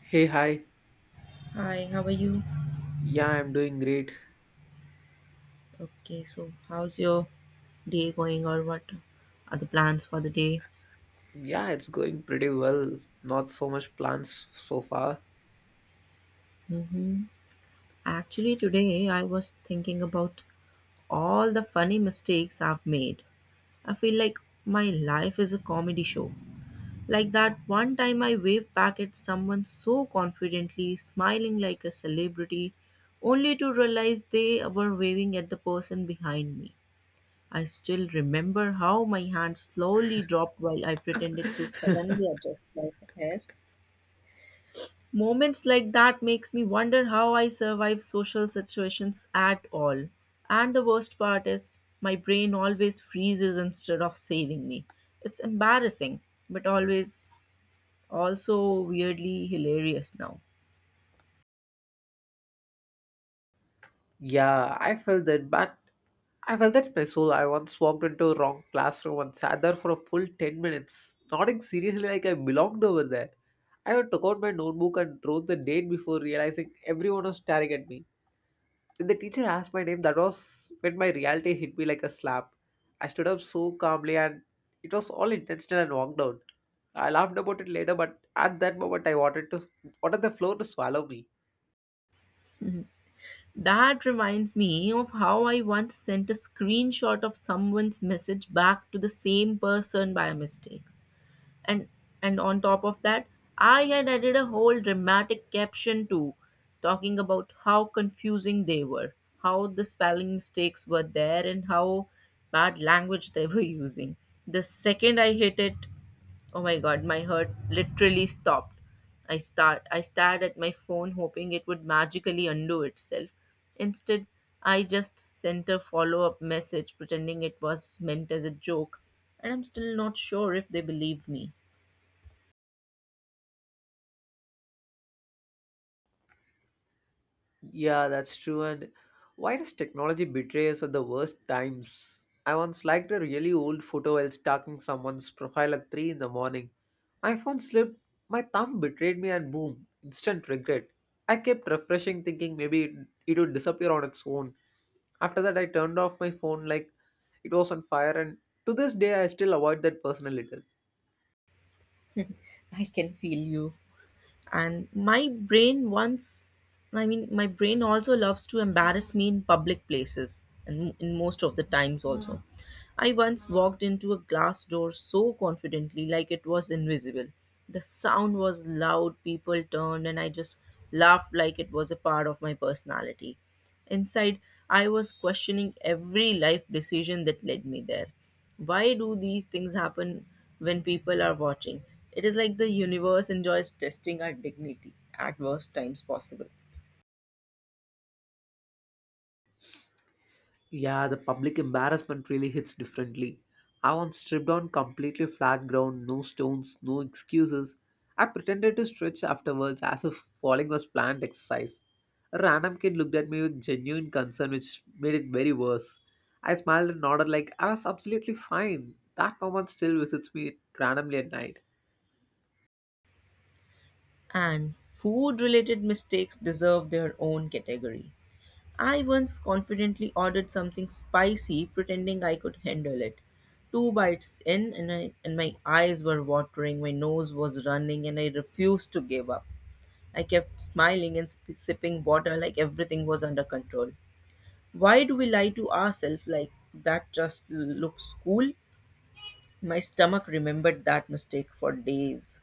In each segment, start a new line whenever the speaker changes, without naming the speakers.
Hey, hi.
Hi, how are you?
Yeah, I'm doing great.
Okay, so how's your day going, or what are the plans for the day?
Yeah, it's going pretty well. Not so much plans so far.
Mm-hmm. Actually, today I was thinking about all the funny mistakes I've made. I feel like my life is a comedy show. Like that one time I waved back at someone so confidently, smiling like a celebrity, only to realize they were waving at the person behind me. I still remember how my hand slowly dropped while I pretended to suddenly adjust my hair. Moments like that makes me wonder how I survive social situations at all. And the worst part is my brain always freezes instead of saving me. It's embarrassing, but always also weirdly hilarious now.
Yeah, I felt that, but I felt that in my soul. I once walked into a wrong classroom and sat there for a full 10 minutes, nodding seriously like I belonged over there. I took out my notebook and wrote the date before realizing everyone was staring at me. The teacher asked my name. That was when my reality hit me like a slap. I stood up so calmly and it was all intentional and walked out. I laughed about it later, but at that moment I wanted the floor to swallow me.
That reminds me of how I once sent a screenshot of someone's message back to the same person by mistake. and and on top of that, I had added a whole dramatic caption too, talking about how confusing they were, how the spelling mistakes were there, and how bad language they were using. The second I hit it, oh my god, my heart literally stopped. I stared at my phone hoping it would magically undo itself. Instead, I just sent a follow-up message pretending it was meant as a joke, and I'm still not sure if they believed me.
Yeah, that's true. And why does technology betray us at the worst times? I once liked a really old photo while stalking someone's profile at 3 in the morning. My phone slipped, my thumb betrayed me, and boom, instant regret. I kept refreshing, thinking maybe it would disappear on its own. After that, I turned off my phone like it was on fire, and to this day, I still avoid that person a little.
I can feel you. And my brain once, my brain also loves to embarrass me in public places, and in most of the times also. I once walked into a glass door so confidently like it was invisible. The sound was loud, people turned, and I just laughed like it was a part of my personality. Inside, I was questioning every life decision that led me there. Why do these things happen when people are watching? It is like the universe enjoys testing our dignity at worst times possible.
Yeah, the public embarrassment really hits differently. I once stripped on completely flat ground, no stones, no excuses. I pretended to stretch afterwards as if falling was planned exercise. A random kid looked at me with genuine concern, which made it very worse. I smiled and nodded like I was absolutely fine. That moment still visits me randomly at night.
And food related mistakes deserve their own category. I once confidently ordered something spicy, pretending I could handle it. Two bites in, and my eyes were watering, my nose was running, and I refused to give up. I kept smiling and sipping water like everything was under control. Why do we lie to ourselves like that just looks cool? My stomach remembered that mistake for days.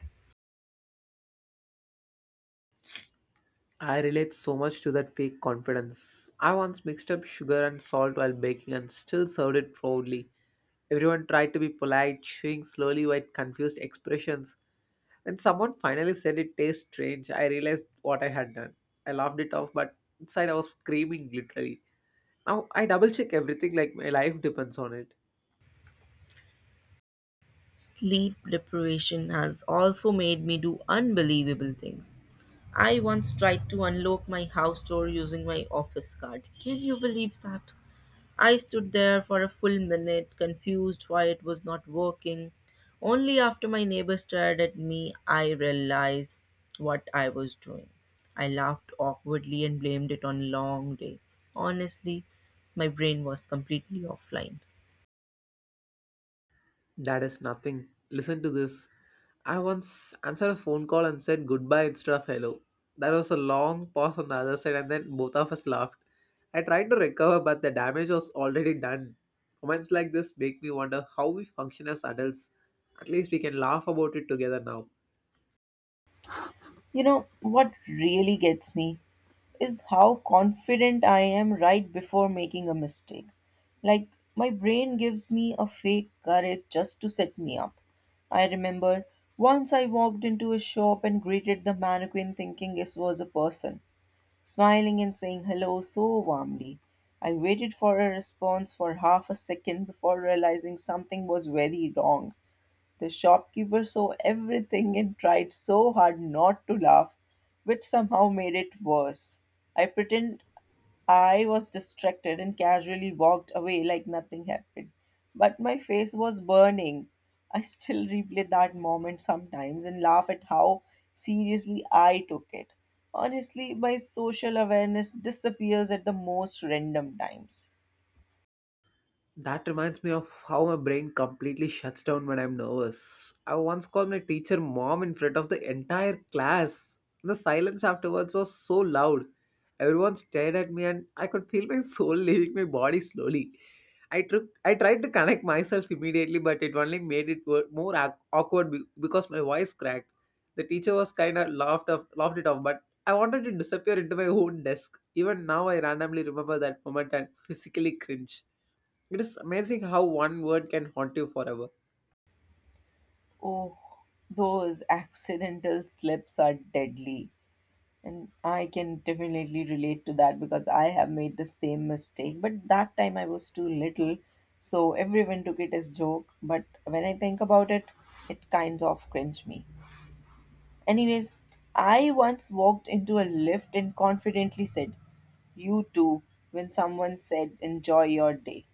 I relate so much to that fake confidence. I once mixed up sugar and salt while baking and still served it proudly. Everyone tried to be polite, chewing slowly with confused expressions. When someone finally said it tastes strange, I realized what I had done. I laughed it off, but inside I was screaming literally. Now I double check everything like my life depends on it.
Sleep deprivation has also made me do unbelievable things. I once tried to unlock my house door using my office card. Can you believe that? I stood there for a full minute, confused why it was not working. Only after my neighbor stared at me, I realized what I was doing. I laughed awkwardly and blamed it on a long day. Honestly, my brain was completely offline.
That is nothing. Listen to this. I once answered a phone call and said goodbye instead of hello. There was a long pause on the other side, and then both of us laughed. I tried to recover, but the damage was already done. Moments like this make me wonder how we function as adults. At least we can laugh about it together now.
You know what really gets me? Is how confident I am right before making a mistake. Like, my brain gives me a fake courage just to set me up. I remember once I walked into a shop and greeted the mannequin thinking this was a person, smiling and saying hello so warmly. I waited for a response for half a second before realizing something was very wrong. The shopkeeper saw everything and tried so hard not to laugh, which somehow made it worse. I pretend I was distracted and casually walked away like nothing happened. But my face was burning. I still replay that moment sometimes and laugh at how seriously I took it. Honestly, my social awareness disappears at the most random times.
That reminds me of how my brain completely shuts down when I'm nervous. I once called my teacher mom in front of the entire class. The silence afterwards was so loud. Everyone stared at me and I could feel my soul leaving my body slowly. I tried to connect myself immediately but it only made it more awkward because my voice cracked. The teacher was laughed it off but I wanted to disappear into my own desk. Even now I randomly remember that moment and physically cringe. It is amazing how one word can haunt you forever.
Oh, those accidental slips are deadly. And I can definitely relate to that because I have made the same mistake. But that time I was too little, so everyone took it as joke. But when I think about it, it kind of cringe me. Anyways, I once walked into a lift and confidently said, "You too," when someone said, "Enjoy your day."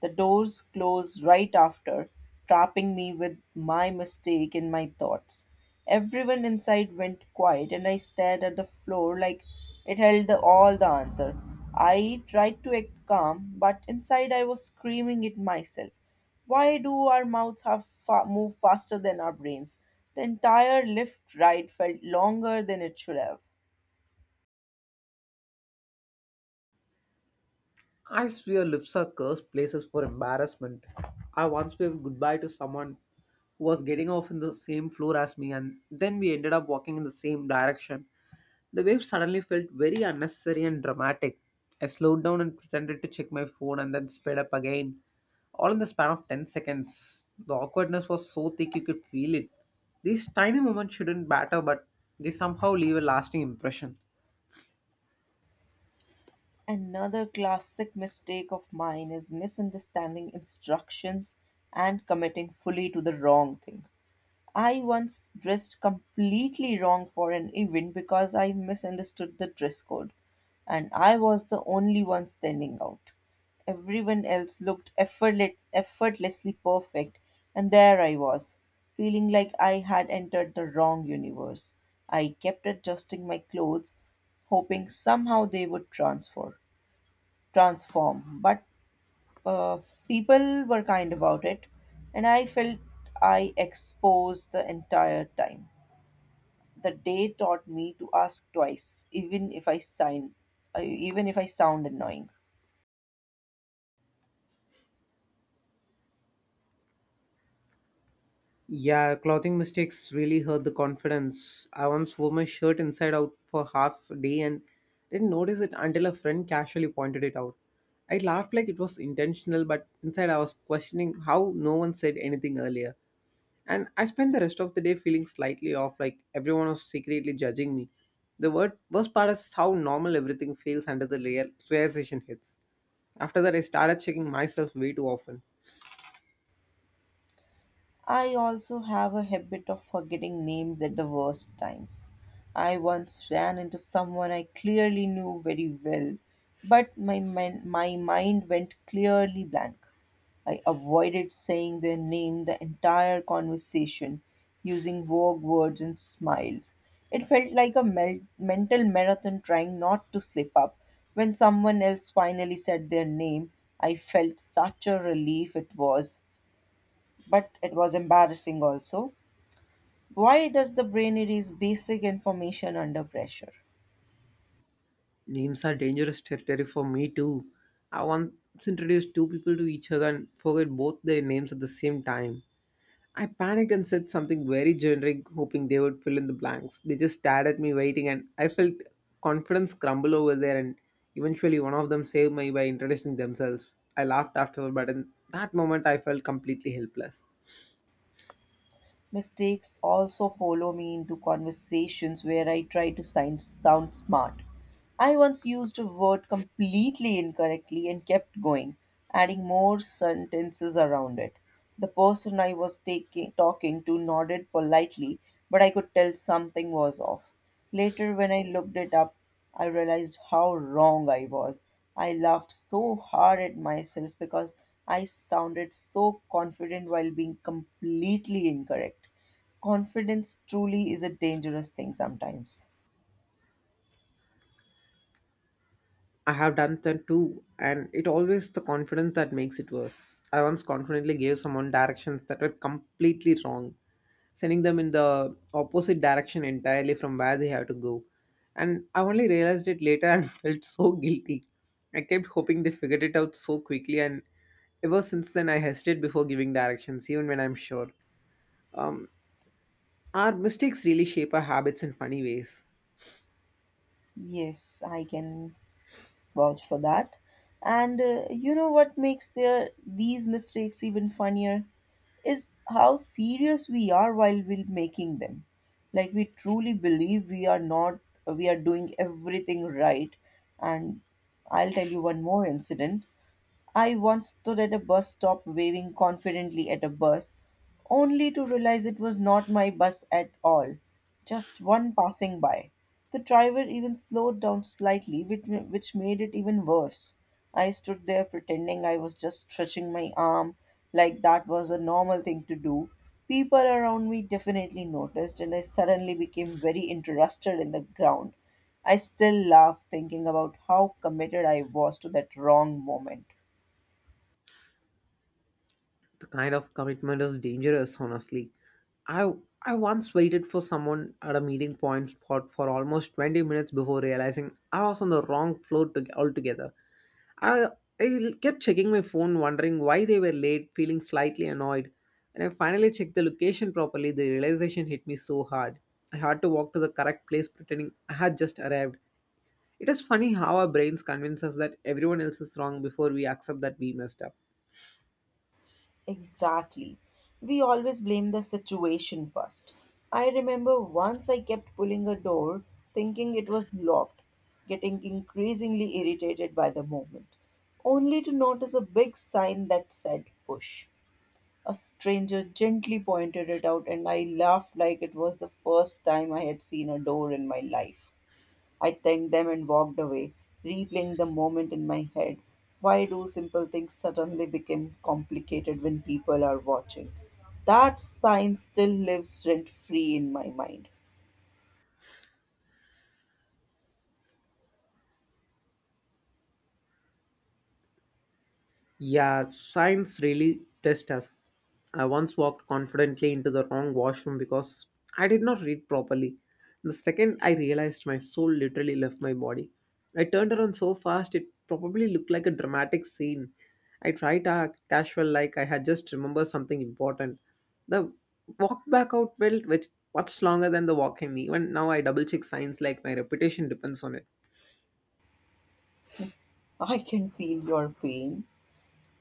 The doors closed right after, trapping me with my mistake in my thoughts. Everyone inside went quiet, and I stared at the floor like it held all the answer. I tried to act calm, but inside I was screaming it myself. Why do our mouths have move faster than our brains? The entire lift ride felt longer than it should have.
I swear lips are cursed places for embarrassment. I once waved goodbye to someone who was getting off in the same floor as me, and then we ended up walking in the same direction. The wave suddenly felt very unnecessary and dramatic. I slowed down and pretended to check my phone and then sped up again, all in the span of 10 seconds. The awkwardness was so thick you could feel it. These tiny moments shouldn't matter, but they somehow leave a lasting impression.
Another classic mistake of mine is misunderstanding instructions and committing fully to the wrong thing. I once dressed completely wrong for an event because I misunderstood the dress code, and I was the only one standing out. Everyone else looked effortlessly perfect, and there I was, feeling like I had entered the wrong universe. I kept adjusting my clothes, hoping somehow they would transfer transform. But uh, people were kind about it, and I felt I exposed the entire time. The day taught me to ask twice, even if I even if I sound annoying.
Yeah, clothing mistakes really hurt the confidence. I once wore my shirt inside out for half a day and didn't notice it until a friend casually pointed it out. I laughed like it was intentional, but inside I was questioning how no one said anything earlier. And I spent the rest of the day feeling slightly off, like everyone was secretly judging me. The worst part is how normal everything feels under the realization hits. After that, I started checking myself way too often.
I also have a habit of forgetting names at the worst times. I once ran into someone I clearly knew very well, but my mind went clearly blank. I avoided saying their name the entire conversation, using vague words and smiles. It felt like a mental marathon trying not to slip up. When someone else finally said their name, I felt such a relief it was, but it was embarrassing also. Why does the brain erase basic information under pressure?
Names are dangerous territory for me too. I once introduced two people to each other and forgot both their names at the same time. I panicked and said something very generic, hoping they would fill in the blanks. They just stared at me, waiting, and I felt confidence crumble over there. And eventually, one of them saved me by introducing themselves. I laughed afterward, but in that moment, I felt completely helpless.
Mistakes also follow me into conversations where I try to sound smart. I once used a word completely incorrectly and kept going, adding more sentences around it. The person I was talking to nodded politely, but I could tell something was off. Later, when I looked it up, I realized how wrong I was. I laughed so hard at myself because I sounded so confident while being completely incorrect. Confidence truly is a dangerous thing sometimes.
I have done that too, and it always the confidence that makes it worse. I once confidently gave someone directions that were completely wrong, sending them in the opposite direction entirely from where they have to go. And I only realized it later and felt so guilty. I kept hoping they figured it out so quickly, and ever since then, I hesitate before giving directions, even when I'm sure. Um, our mistakes really shape our habits in funny ways.
Yes, I can vouch for that. And you know what makes their these mistakes even funnier is how serious we are while we're making them. Like, we truly believe we are not we are doing everything right. And I'll tell you one more incident. I once stood at a bus stop waving confidently at a bus, only to realize it was not my bus at all, just one passing by. The driver even slowed down slightly, which made it even worse. I stood there pretending I was just stretching my arm like that was a normal thing to do. People around me definitely noticed, and I suddenly became very interested in the ground. I still laugh thinking about how committed I was to that wrong moment.
The kind of commitment is dangerous, honestly. I I once waited for someone at a meeting point spot for almost 20 minutes before realizing I was on the wrong floor to, altogether. I, I kept checking my phone, wondering why they were late, feeling slightly annoyed. When I finally checked the location properly, the realization hit me so hard. I had to walk to the correct place pretending I had just arrived. It is funny how our brains convince us that everyone else is wrong before we accept that we messed up.
Exactly. We always blame the situation first. I remember once I kept pulling a door thinking it was locked, getting increasingly irritated by the movement, only to notice a big sign that said push. A stranger gently pointed it out, and I laughed like it was the first time I had seen a door in my life. I thanked them and walked away, replaying the moment in my head. Why do simple things suddenly become complicated when people are watching? That sign still lives rent free in my mind.
Yeah, science really tests us. I once walked confidently into the wrong washroom because I did not read properly. The second I realized my soul literally left my body. I turned around so fast it probably looked like a dramatic scene. I tried to act casual like I had just remembered something important. The walk back out felt which much longer than the walk in. Even now I double check signs like my reputation depends on it.
I can feel your pain.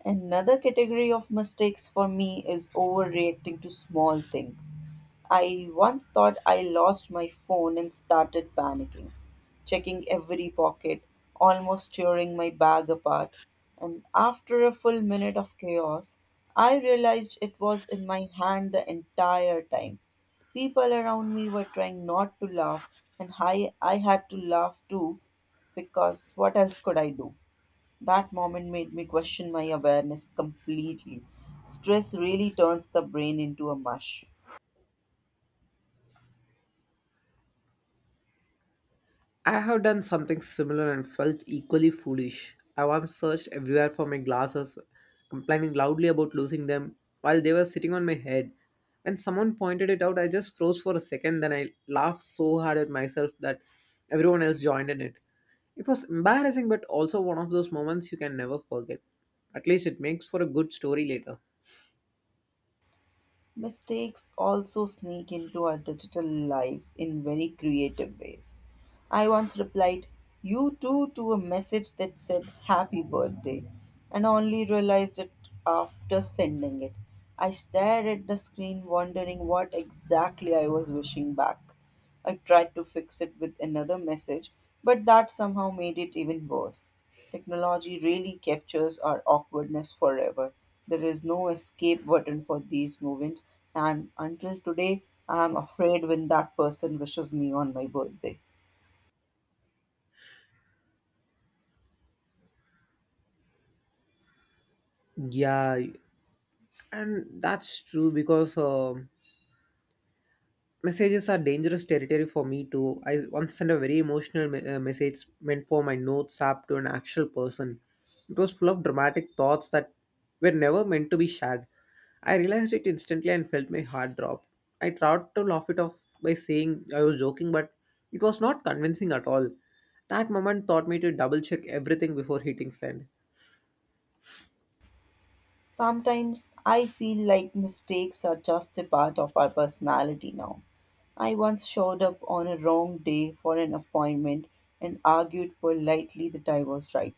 Another category of mistakes for me is overreacting to small things. I once thought I lost my phone and started panicking, checking every pocket, almost tearing my bag apart. And after a full minute of chaos, I realized it was in my hand the entire time. People around me were trying not to laugh, and I had to laugh too, because what else could I do? That moment made me question my awareness completely. Stress really turns the brain into a mush.
I have done something similar and felt equally foolish. I once searched everywhere for my glasses, complaining loudly about losing them while they were sitting on my head. When someone pointed it out, I just froze for a second, then I laughed so hard at myself that everyone else joined in it. It was embarrassing, but also one of those moments you can never forget. At least it makes for a good story later.
Mistakes also sneak into our digital lives in very creative ways. I once replied, "You too," to a message that said happy birthday, and only realized it after sending it. I stared at the screen, wondering what exactly I was wishing back. I tried to fix it with another message, but that somehow made it even worse. Technology really captures our awkwardness forever. There is no escape button for these moments, and until today, I am afraid when that person wishes me on my birthday.
Yeah, and that's true because messages are dangerous territory for me too. I once sent a very emotional message meant for my notes app to an actual person. It was full of dramatic thoughts that were never meant to be shared. I realized it instantly and felt my heart drop. I tried to laugh it off by saying I was joking, but it was not convincing at all. That moment taught me to double check everything before hitting send.
Sometimes I feel like mistakes are just a part of our personality now. I once showed up on a wrong day for an appointment and argued politely that I was right.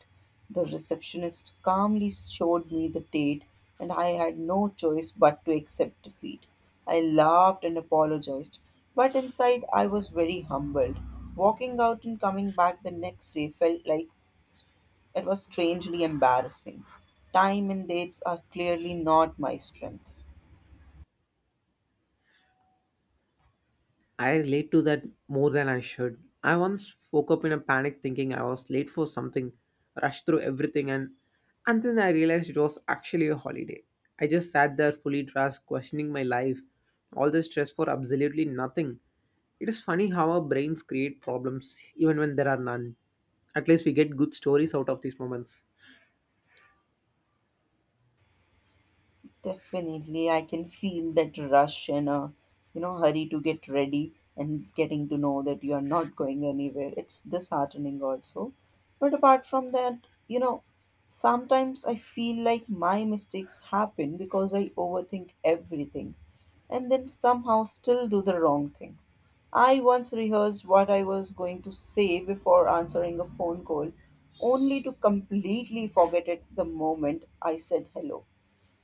The receptionist calmly showed me the date, and I had no choice but to accept defeat. I laughed and apologized, but inside I was very humbled. Walking out and coming back the next day felt like it was strangely embarrassing. Time and dates are clearly not my strength.
I relate to that more than I should. I once woke up in a panic thinking I was late for something, rushed through everything, and then I realized it was actually a holiday. I just sat there fully dressed, questioning my life, all the stress for absolutely nothing. It is funny how our brains create problems even when there are none. At least we get good stories out of these moments.
Definitely, I can feel that rush and a, you know, hurry to get ready and getting to know that you are not going anywhere. It's disheartening also. But apart from that, you know, sometimes I feel like my mistakes happen because I overthink everything and then somehow still do the wrong thing. I once rehearsed what I was going to say before answering a phone call, only to completely forget it the moment I said hello.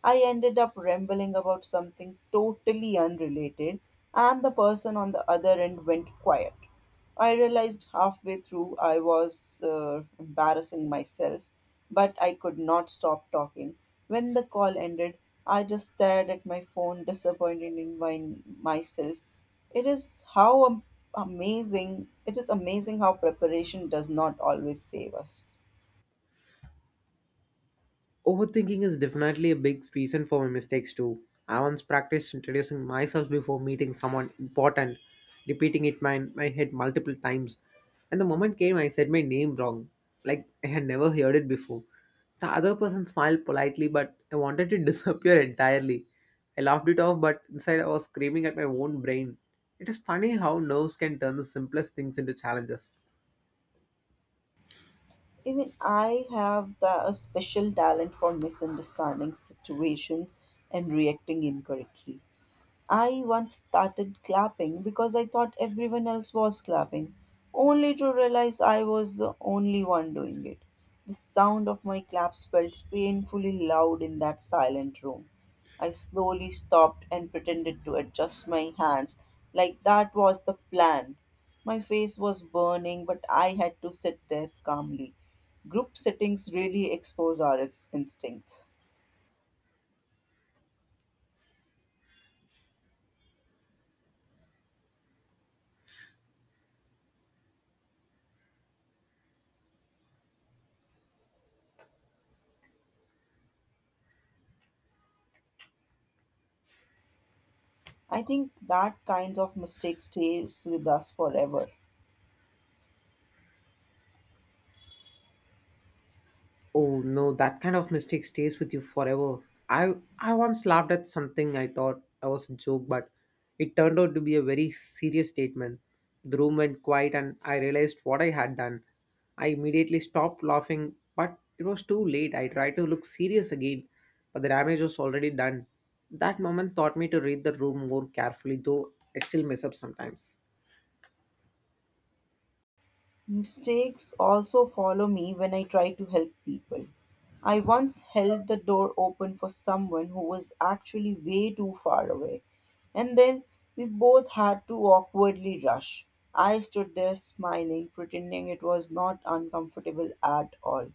I ended up rambling about something totally unrelated, and the person on the other end went quiet. I realized halfway through I was embarrassing myself, but I could not stop talking. When the call ended, I just stared at my phone, disappointed in myself. It is amazing, it is amazing how preparation does not always save us.
Overthinking is definitely a big reason for my mistakes too. I once practiced introducing myself before meeting someone important, repeating it my head multiple times. And the moment came I said my name wrong, like I had never heard it before. The other person smiled politely, but I wanted to disappear entirely. I laughed it off, but inside I was screaming at my own brain. It is funny how nerves can turn the simplest things into challenges.
Even I have a special talent for misunderstanding situations and reacting incorrectly. I once started clapping because I thought everyone else was clapping, only to realize I was the only one doing it. The sound of my claps felt painfully loud in that silent room. I slowly stopped and pretended to adjust my hands, like that was the plan. My face was burning, but I had to sit there calmly. Group settings really expose our instincts. I think that kind of mistake stays with us forever.
Oh no, that kind of mistake stays with you forever. I once laughed at something I thought I was a joke, but it turned out to be a very serious statement. The room went quiet and I realized what I had done. I immediately stopped laughing, but it was too late. I tried to look serious again, but the damage was already done. That moment taught me to read the room more carefully, though I still mess up sometimes.
Mistakes also follow me when I try to help people. I once held the door open for someone who was actually way too far away, and then we both had to awkwardly rush. I stood there smiling, pretending it was not uncomfortable at all,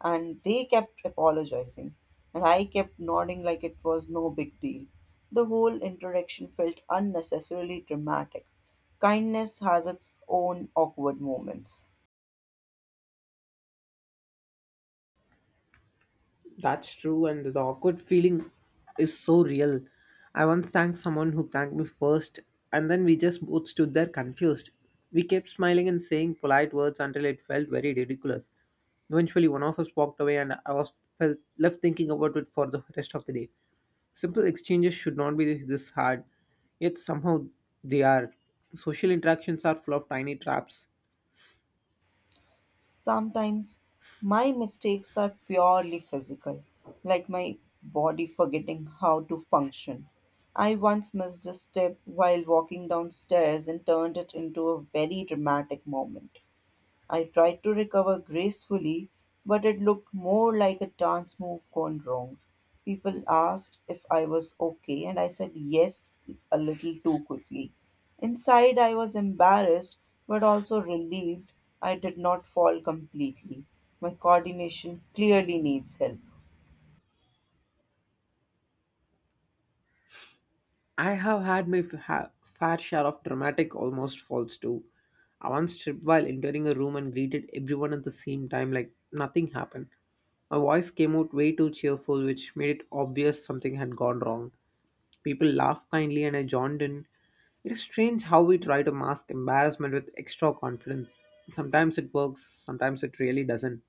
and they kept apologizing, and I kept nodding like it was no big deal. The whole interaction felt unnecessarily dramatic. Kindness has its own awkward moments.
That's true, and the awkward feeling is so real. I once thanked someone who thanked me first, and then we just both stood there confused. We kept smiling and saying polite words until it felt very ridiculous. Eventually, one of us walked away, and I was felt left thinking about it for the rest of the day. Simple exchanges should not be this hard, yet somehow they are. Social interactions are full of tiny traps.
Sometimes my mistakes are purely physical, like my body forgetting how to function. I once missed a step while walking downstairs and turned it into a very dramatic moment. I tried to recover gracefully, but it looked more like a dance move gone wrong. People asked if I was okay, and I said yes a little too quickly. Inside, I was embarrassed but also relieved I did not fall completely. My coordination clearly needs help.
I have had my fair share of dramatic, almost falls too. I once tripped while entering a room and greeted everyone at the same time like nothing happened. My voice came out way too cheerful, which made it obvious something had gone wrong. People laughed kindly and I joined in. It is strange how we try to mask embarrassment with extra confidence. Sometimes it works, sometimes it really doesn't.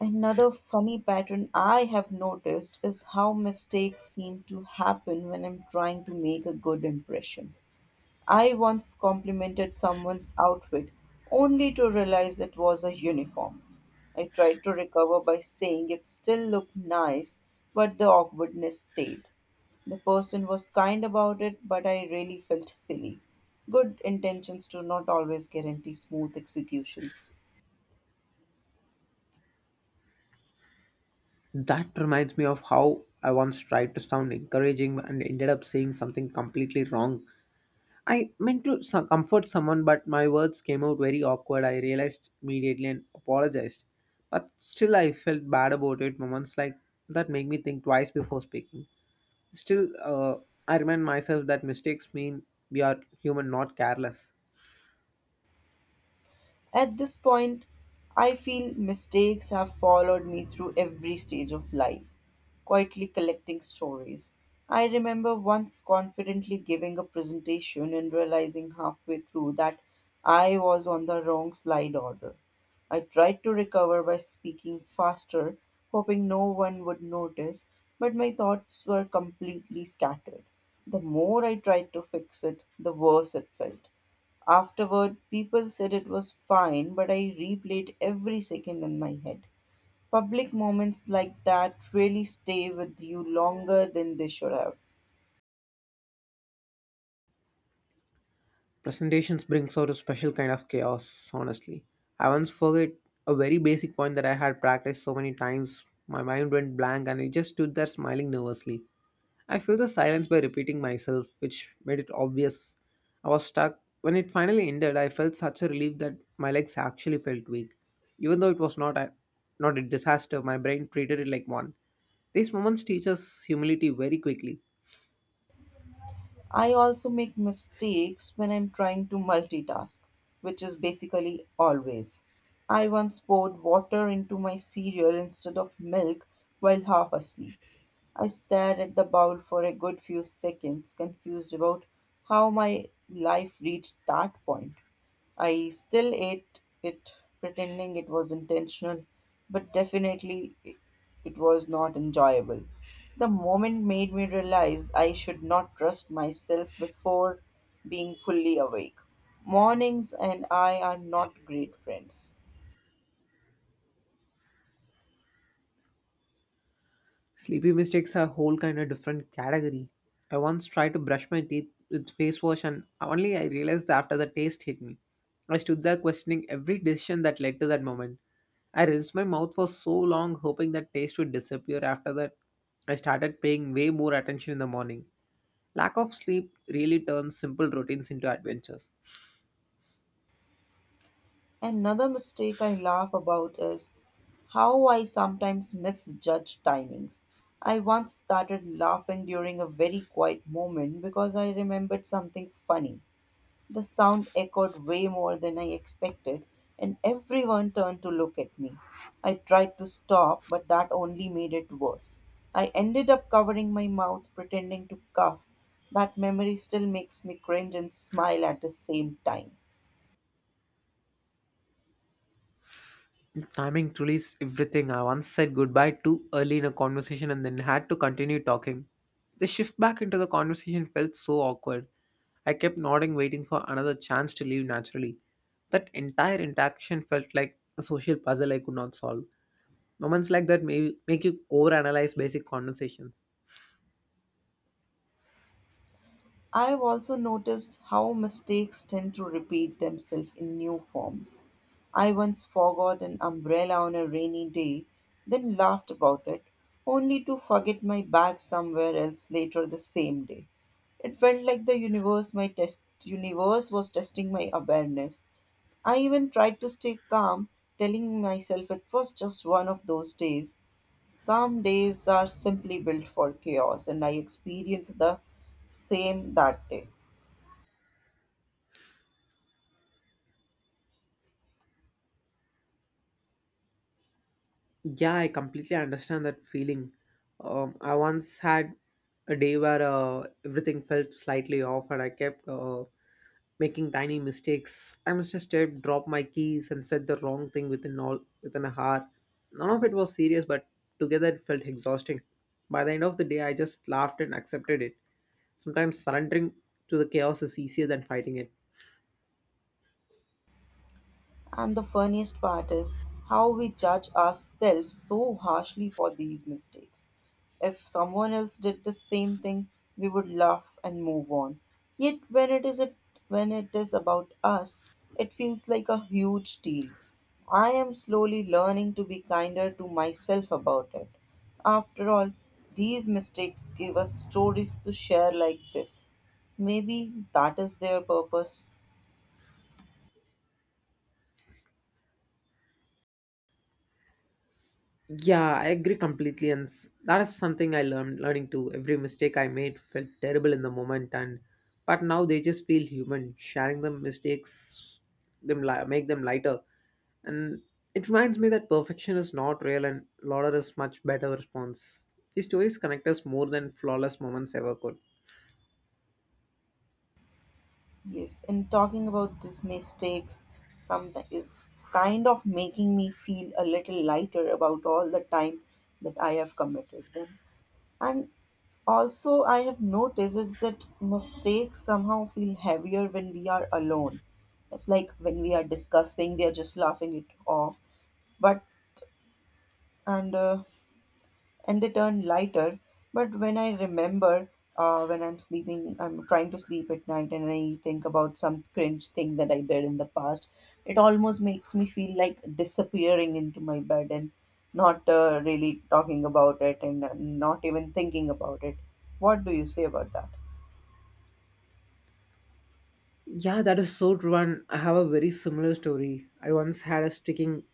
Another funny pattern I have noticed is how mistakes seem to happen when I'm trying to make a good impression. I once complimented someone's outfit only to realize it was a uniform. I tried to recover by saying it still looked nice, but the awkwardness stayed. The person was kind about it, but I really felt silly. Good intentions do not always guarantee smooth executions.
That reminds me of how I once tried to sound encouraging and ended up saying something completely wrong. I meant to comfort someone, but my words came out very awkward. I realized immediately and apologized. But still, I felt bad about it. Moments like that make me think twice before speaking. Still, uh, I remind myself that mistakes mean we are human, not careless.
At this point, I feel mistakes have followed me through every stage of life, quietly collecting stories. I remember once confidently giving a presentation and realizing halfway through that I was on the wrong slide order. I tried to recover by speaking faster, hoping no one would notice, but my thoughts were completely scattered. The more I tried to fix it, the worse it felt. Afterward, people said it was fine, but I replayed every second in my head. Public moments like that really stay with you longer than they should have.
Presentations brings out a special kind of chaos, honestly. I once forget a very basic point that I had practiced so many times. My mind went blank and I just stood there smiling nervously. I filled the silence by repeating myself, which made it obvious. I was stuck. When it finally ended, I felt such a relief that my legs actually felt weak. Even though it was not a disaster, my brain treated it like one. These moments teach us humility very quickly.
I also make mistakes when I'm trying to multitask, which is basically always. I once poured water into my cereal instead of milk while half asleep. I stared at the bowl for a good few seconds, confused about how my life reached that point. I still ate it pretending it was intentional, but definitely it was not enjoyable. The moment made me realize I should not trust myself before being fully awake. Mornings and I are not great friends.
Sleepy mistakes are a whole kind of different category. I once tried to brush my teeth with face wash and only I realized that after the taste hit me. I stood there questioning every decision that led to that moment. I rinsed my mouth for so long hoping that taste would disappear after that. I started paying way more attention in the morning. Lack of sleep really turns simple routines into adventures.
Another mistake I laugh about is how I sometimes misjudge timings. I once started laughing during a very quiet moment because I remembered something funny. The sound echoed way more than I expected, and everyone turned to look at me. I tried to stop, but that only made it worse. I ended up covering my mouth, pretending to cough. That memory still makes me cringe and smile at the same time.
Timing truly is everything. I once said goodbye too early in a conversation and then had to continue talking. The shift back into the conversation felt so awkward. I kept nodding, waiting for another chance to leave naturally. That entire interaction felt like a social puzzle I could not solve. Moments like that may make you overanalyze basic conversations.
I've also noticed how mistakes tend to repeat themselves in new forms. I once forgot an umbrella on a rainy day, then laughed about it, only to forget my bag somewhere else later the same day. It felt like the universe my test universe was testing my awareness. I even tried to stay calm, telling myself it was just one of those days. Some days are simply built for chaos, and I experienced the same that day.
Yeah, I completely understand that feeling. I once had a day where everything felt slightly off, and I kept making tiny mistakes. I must have stepped, dropped my keys, and said the wrong thing within an hour. None of it was serious, but together it felt exhausting. By the end of the day, I just laughed and accepted it. Sometimes surrendering to the chaos is easier than fighting it.
And the funniest part is how we judge ourselves so harshly for these mistakes. If someone else did the same thing, we would laugh and move on. Yet when it is about us, it feels like a huge deal. I am slowly learning to be kinder to myself about it. After all, these mistakes give us stories to share like this. Maybe that is their purpose.
Yeah, I agree completely, and that is something I learned learning too. Every mistake I made felt terrible in the moment, and but now they just feel human. Sharing the mistakes, make them lighter, and it reminds me that perfection is not real, and lauder is much better response. These stories connect us more than flawless moments ever could.
Yes, and talking about these mistakes some is kind of making me feel a little lighter about all the time that I have committed them. And also I have noticed is that mistakes somehow feel heavier when we are alone. It's like when we are discussing, we are just laughing it off. But and uh, and they turn lighter. But when I remember, when I'm sleeping, I'm trying to sleep at night and I think about some cringe thing that I did in the past, it almost makes me feel like disappearing into my bed and not really talking about it and not even thinking about it. What do you say about that?
Yeah, that is so true. And I have a very similar story. I once had a sticking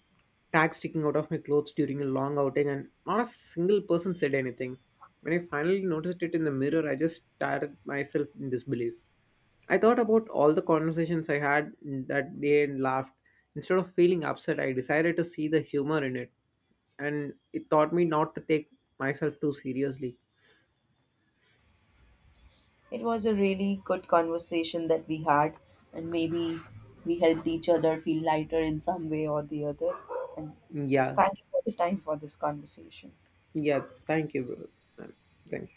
tag sticking out of my clothes during a long outing, and not a single person said anything. When I finally noticed it in the mirror, I just stared at myself in disbelief. I thought about all the conversations I had that day and laughed. Instead of feeling upset, I decided to see the humor in it, and it taught me not to take myself too seriously.
It was a really good conversation that we had, and maybe we helped each other feel lighter in some way or the other. And and
Yeah,
thank you for the time for this conversation.
yeah, thank you, bro. Thank you.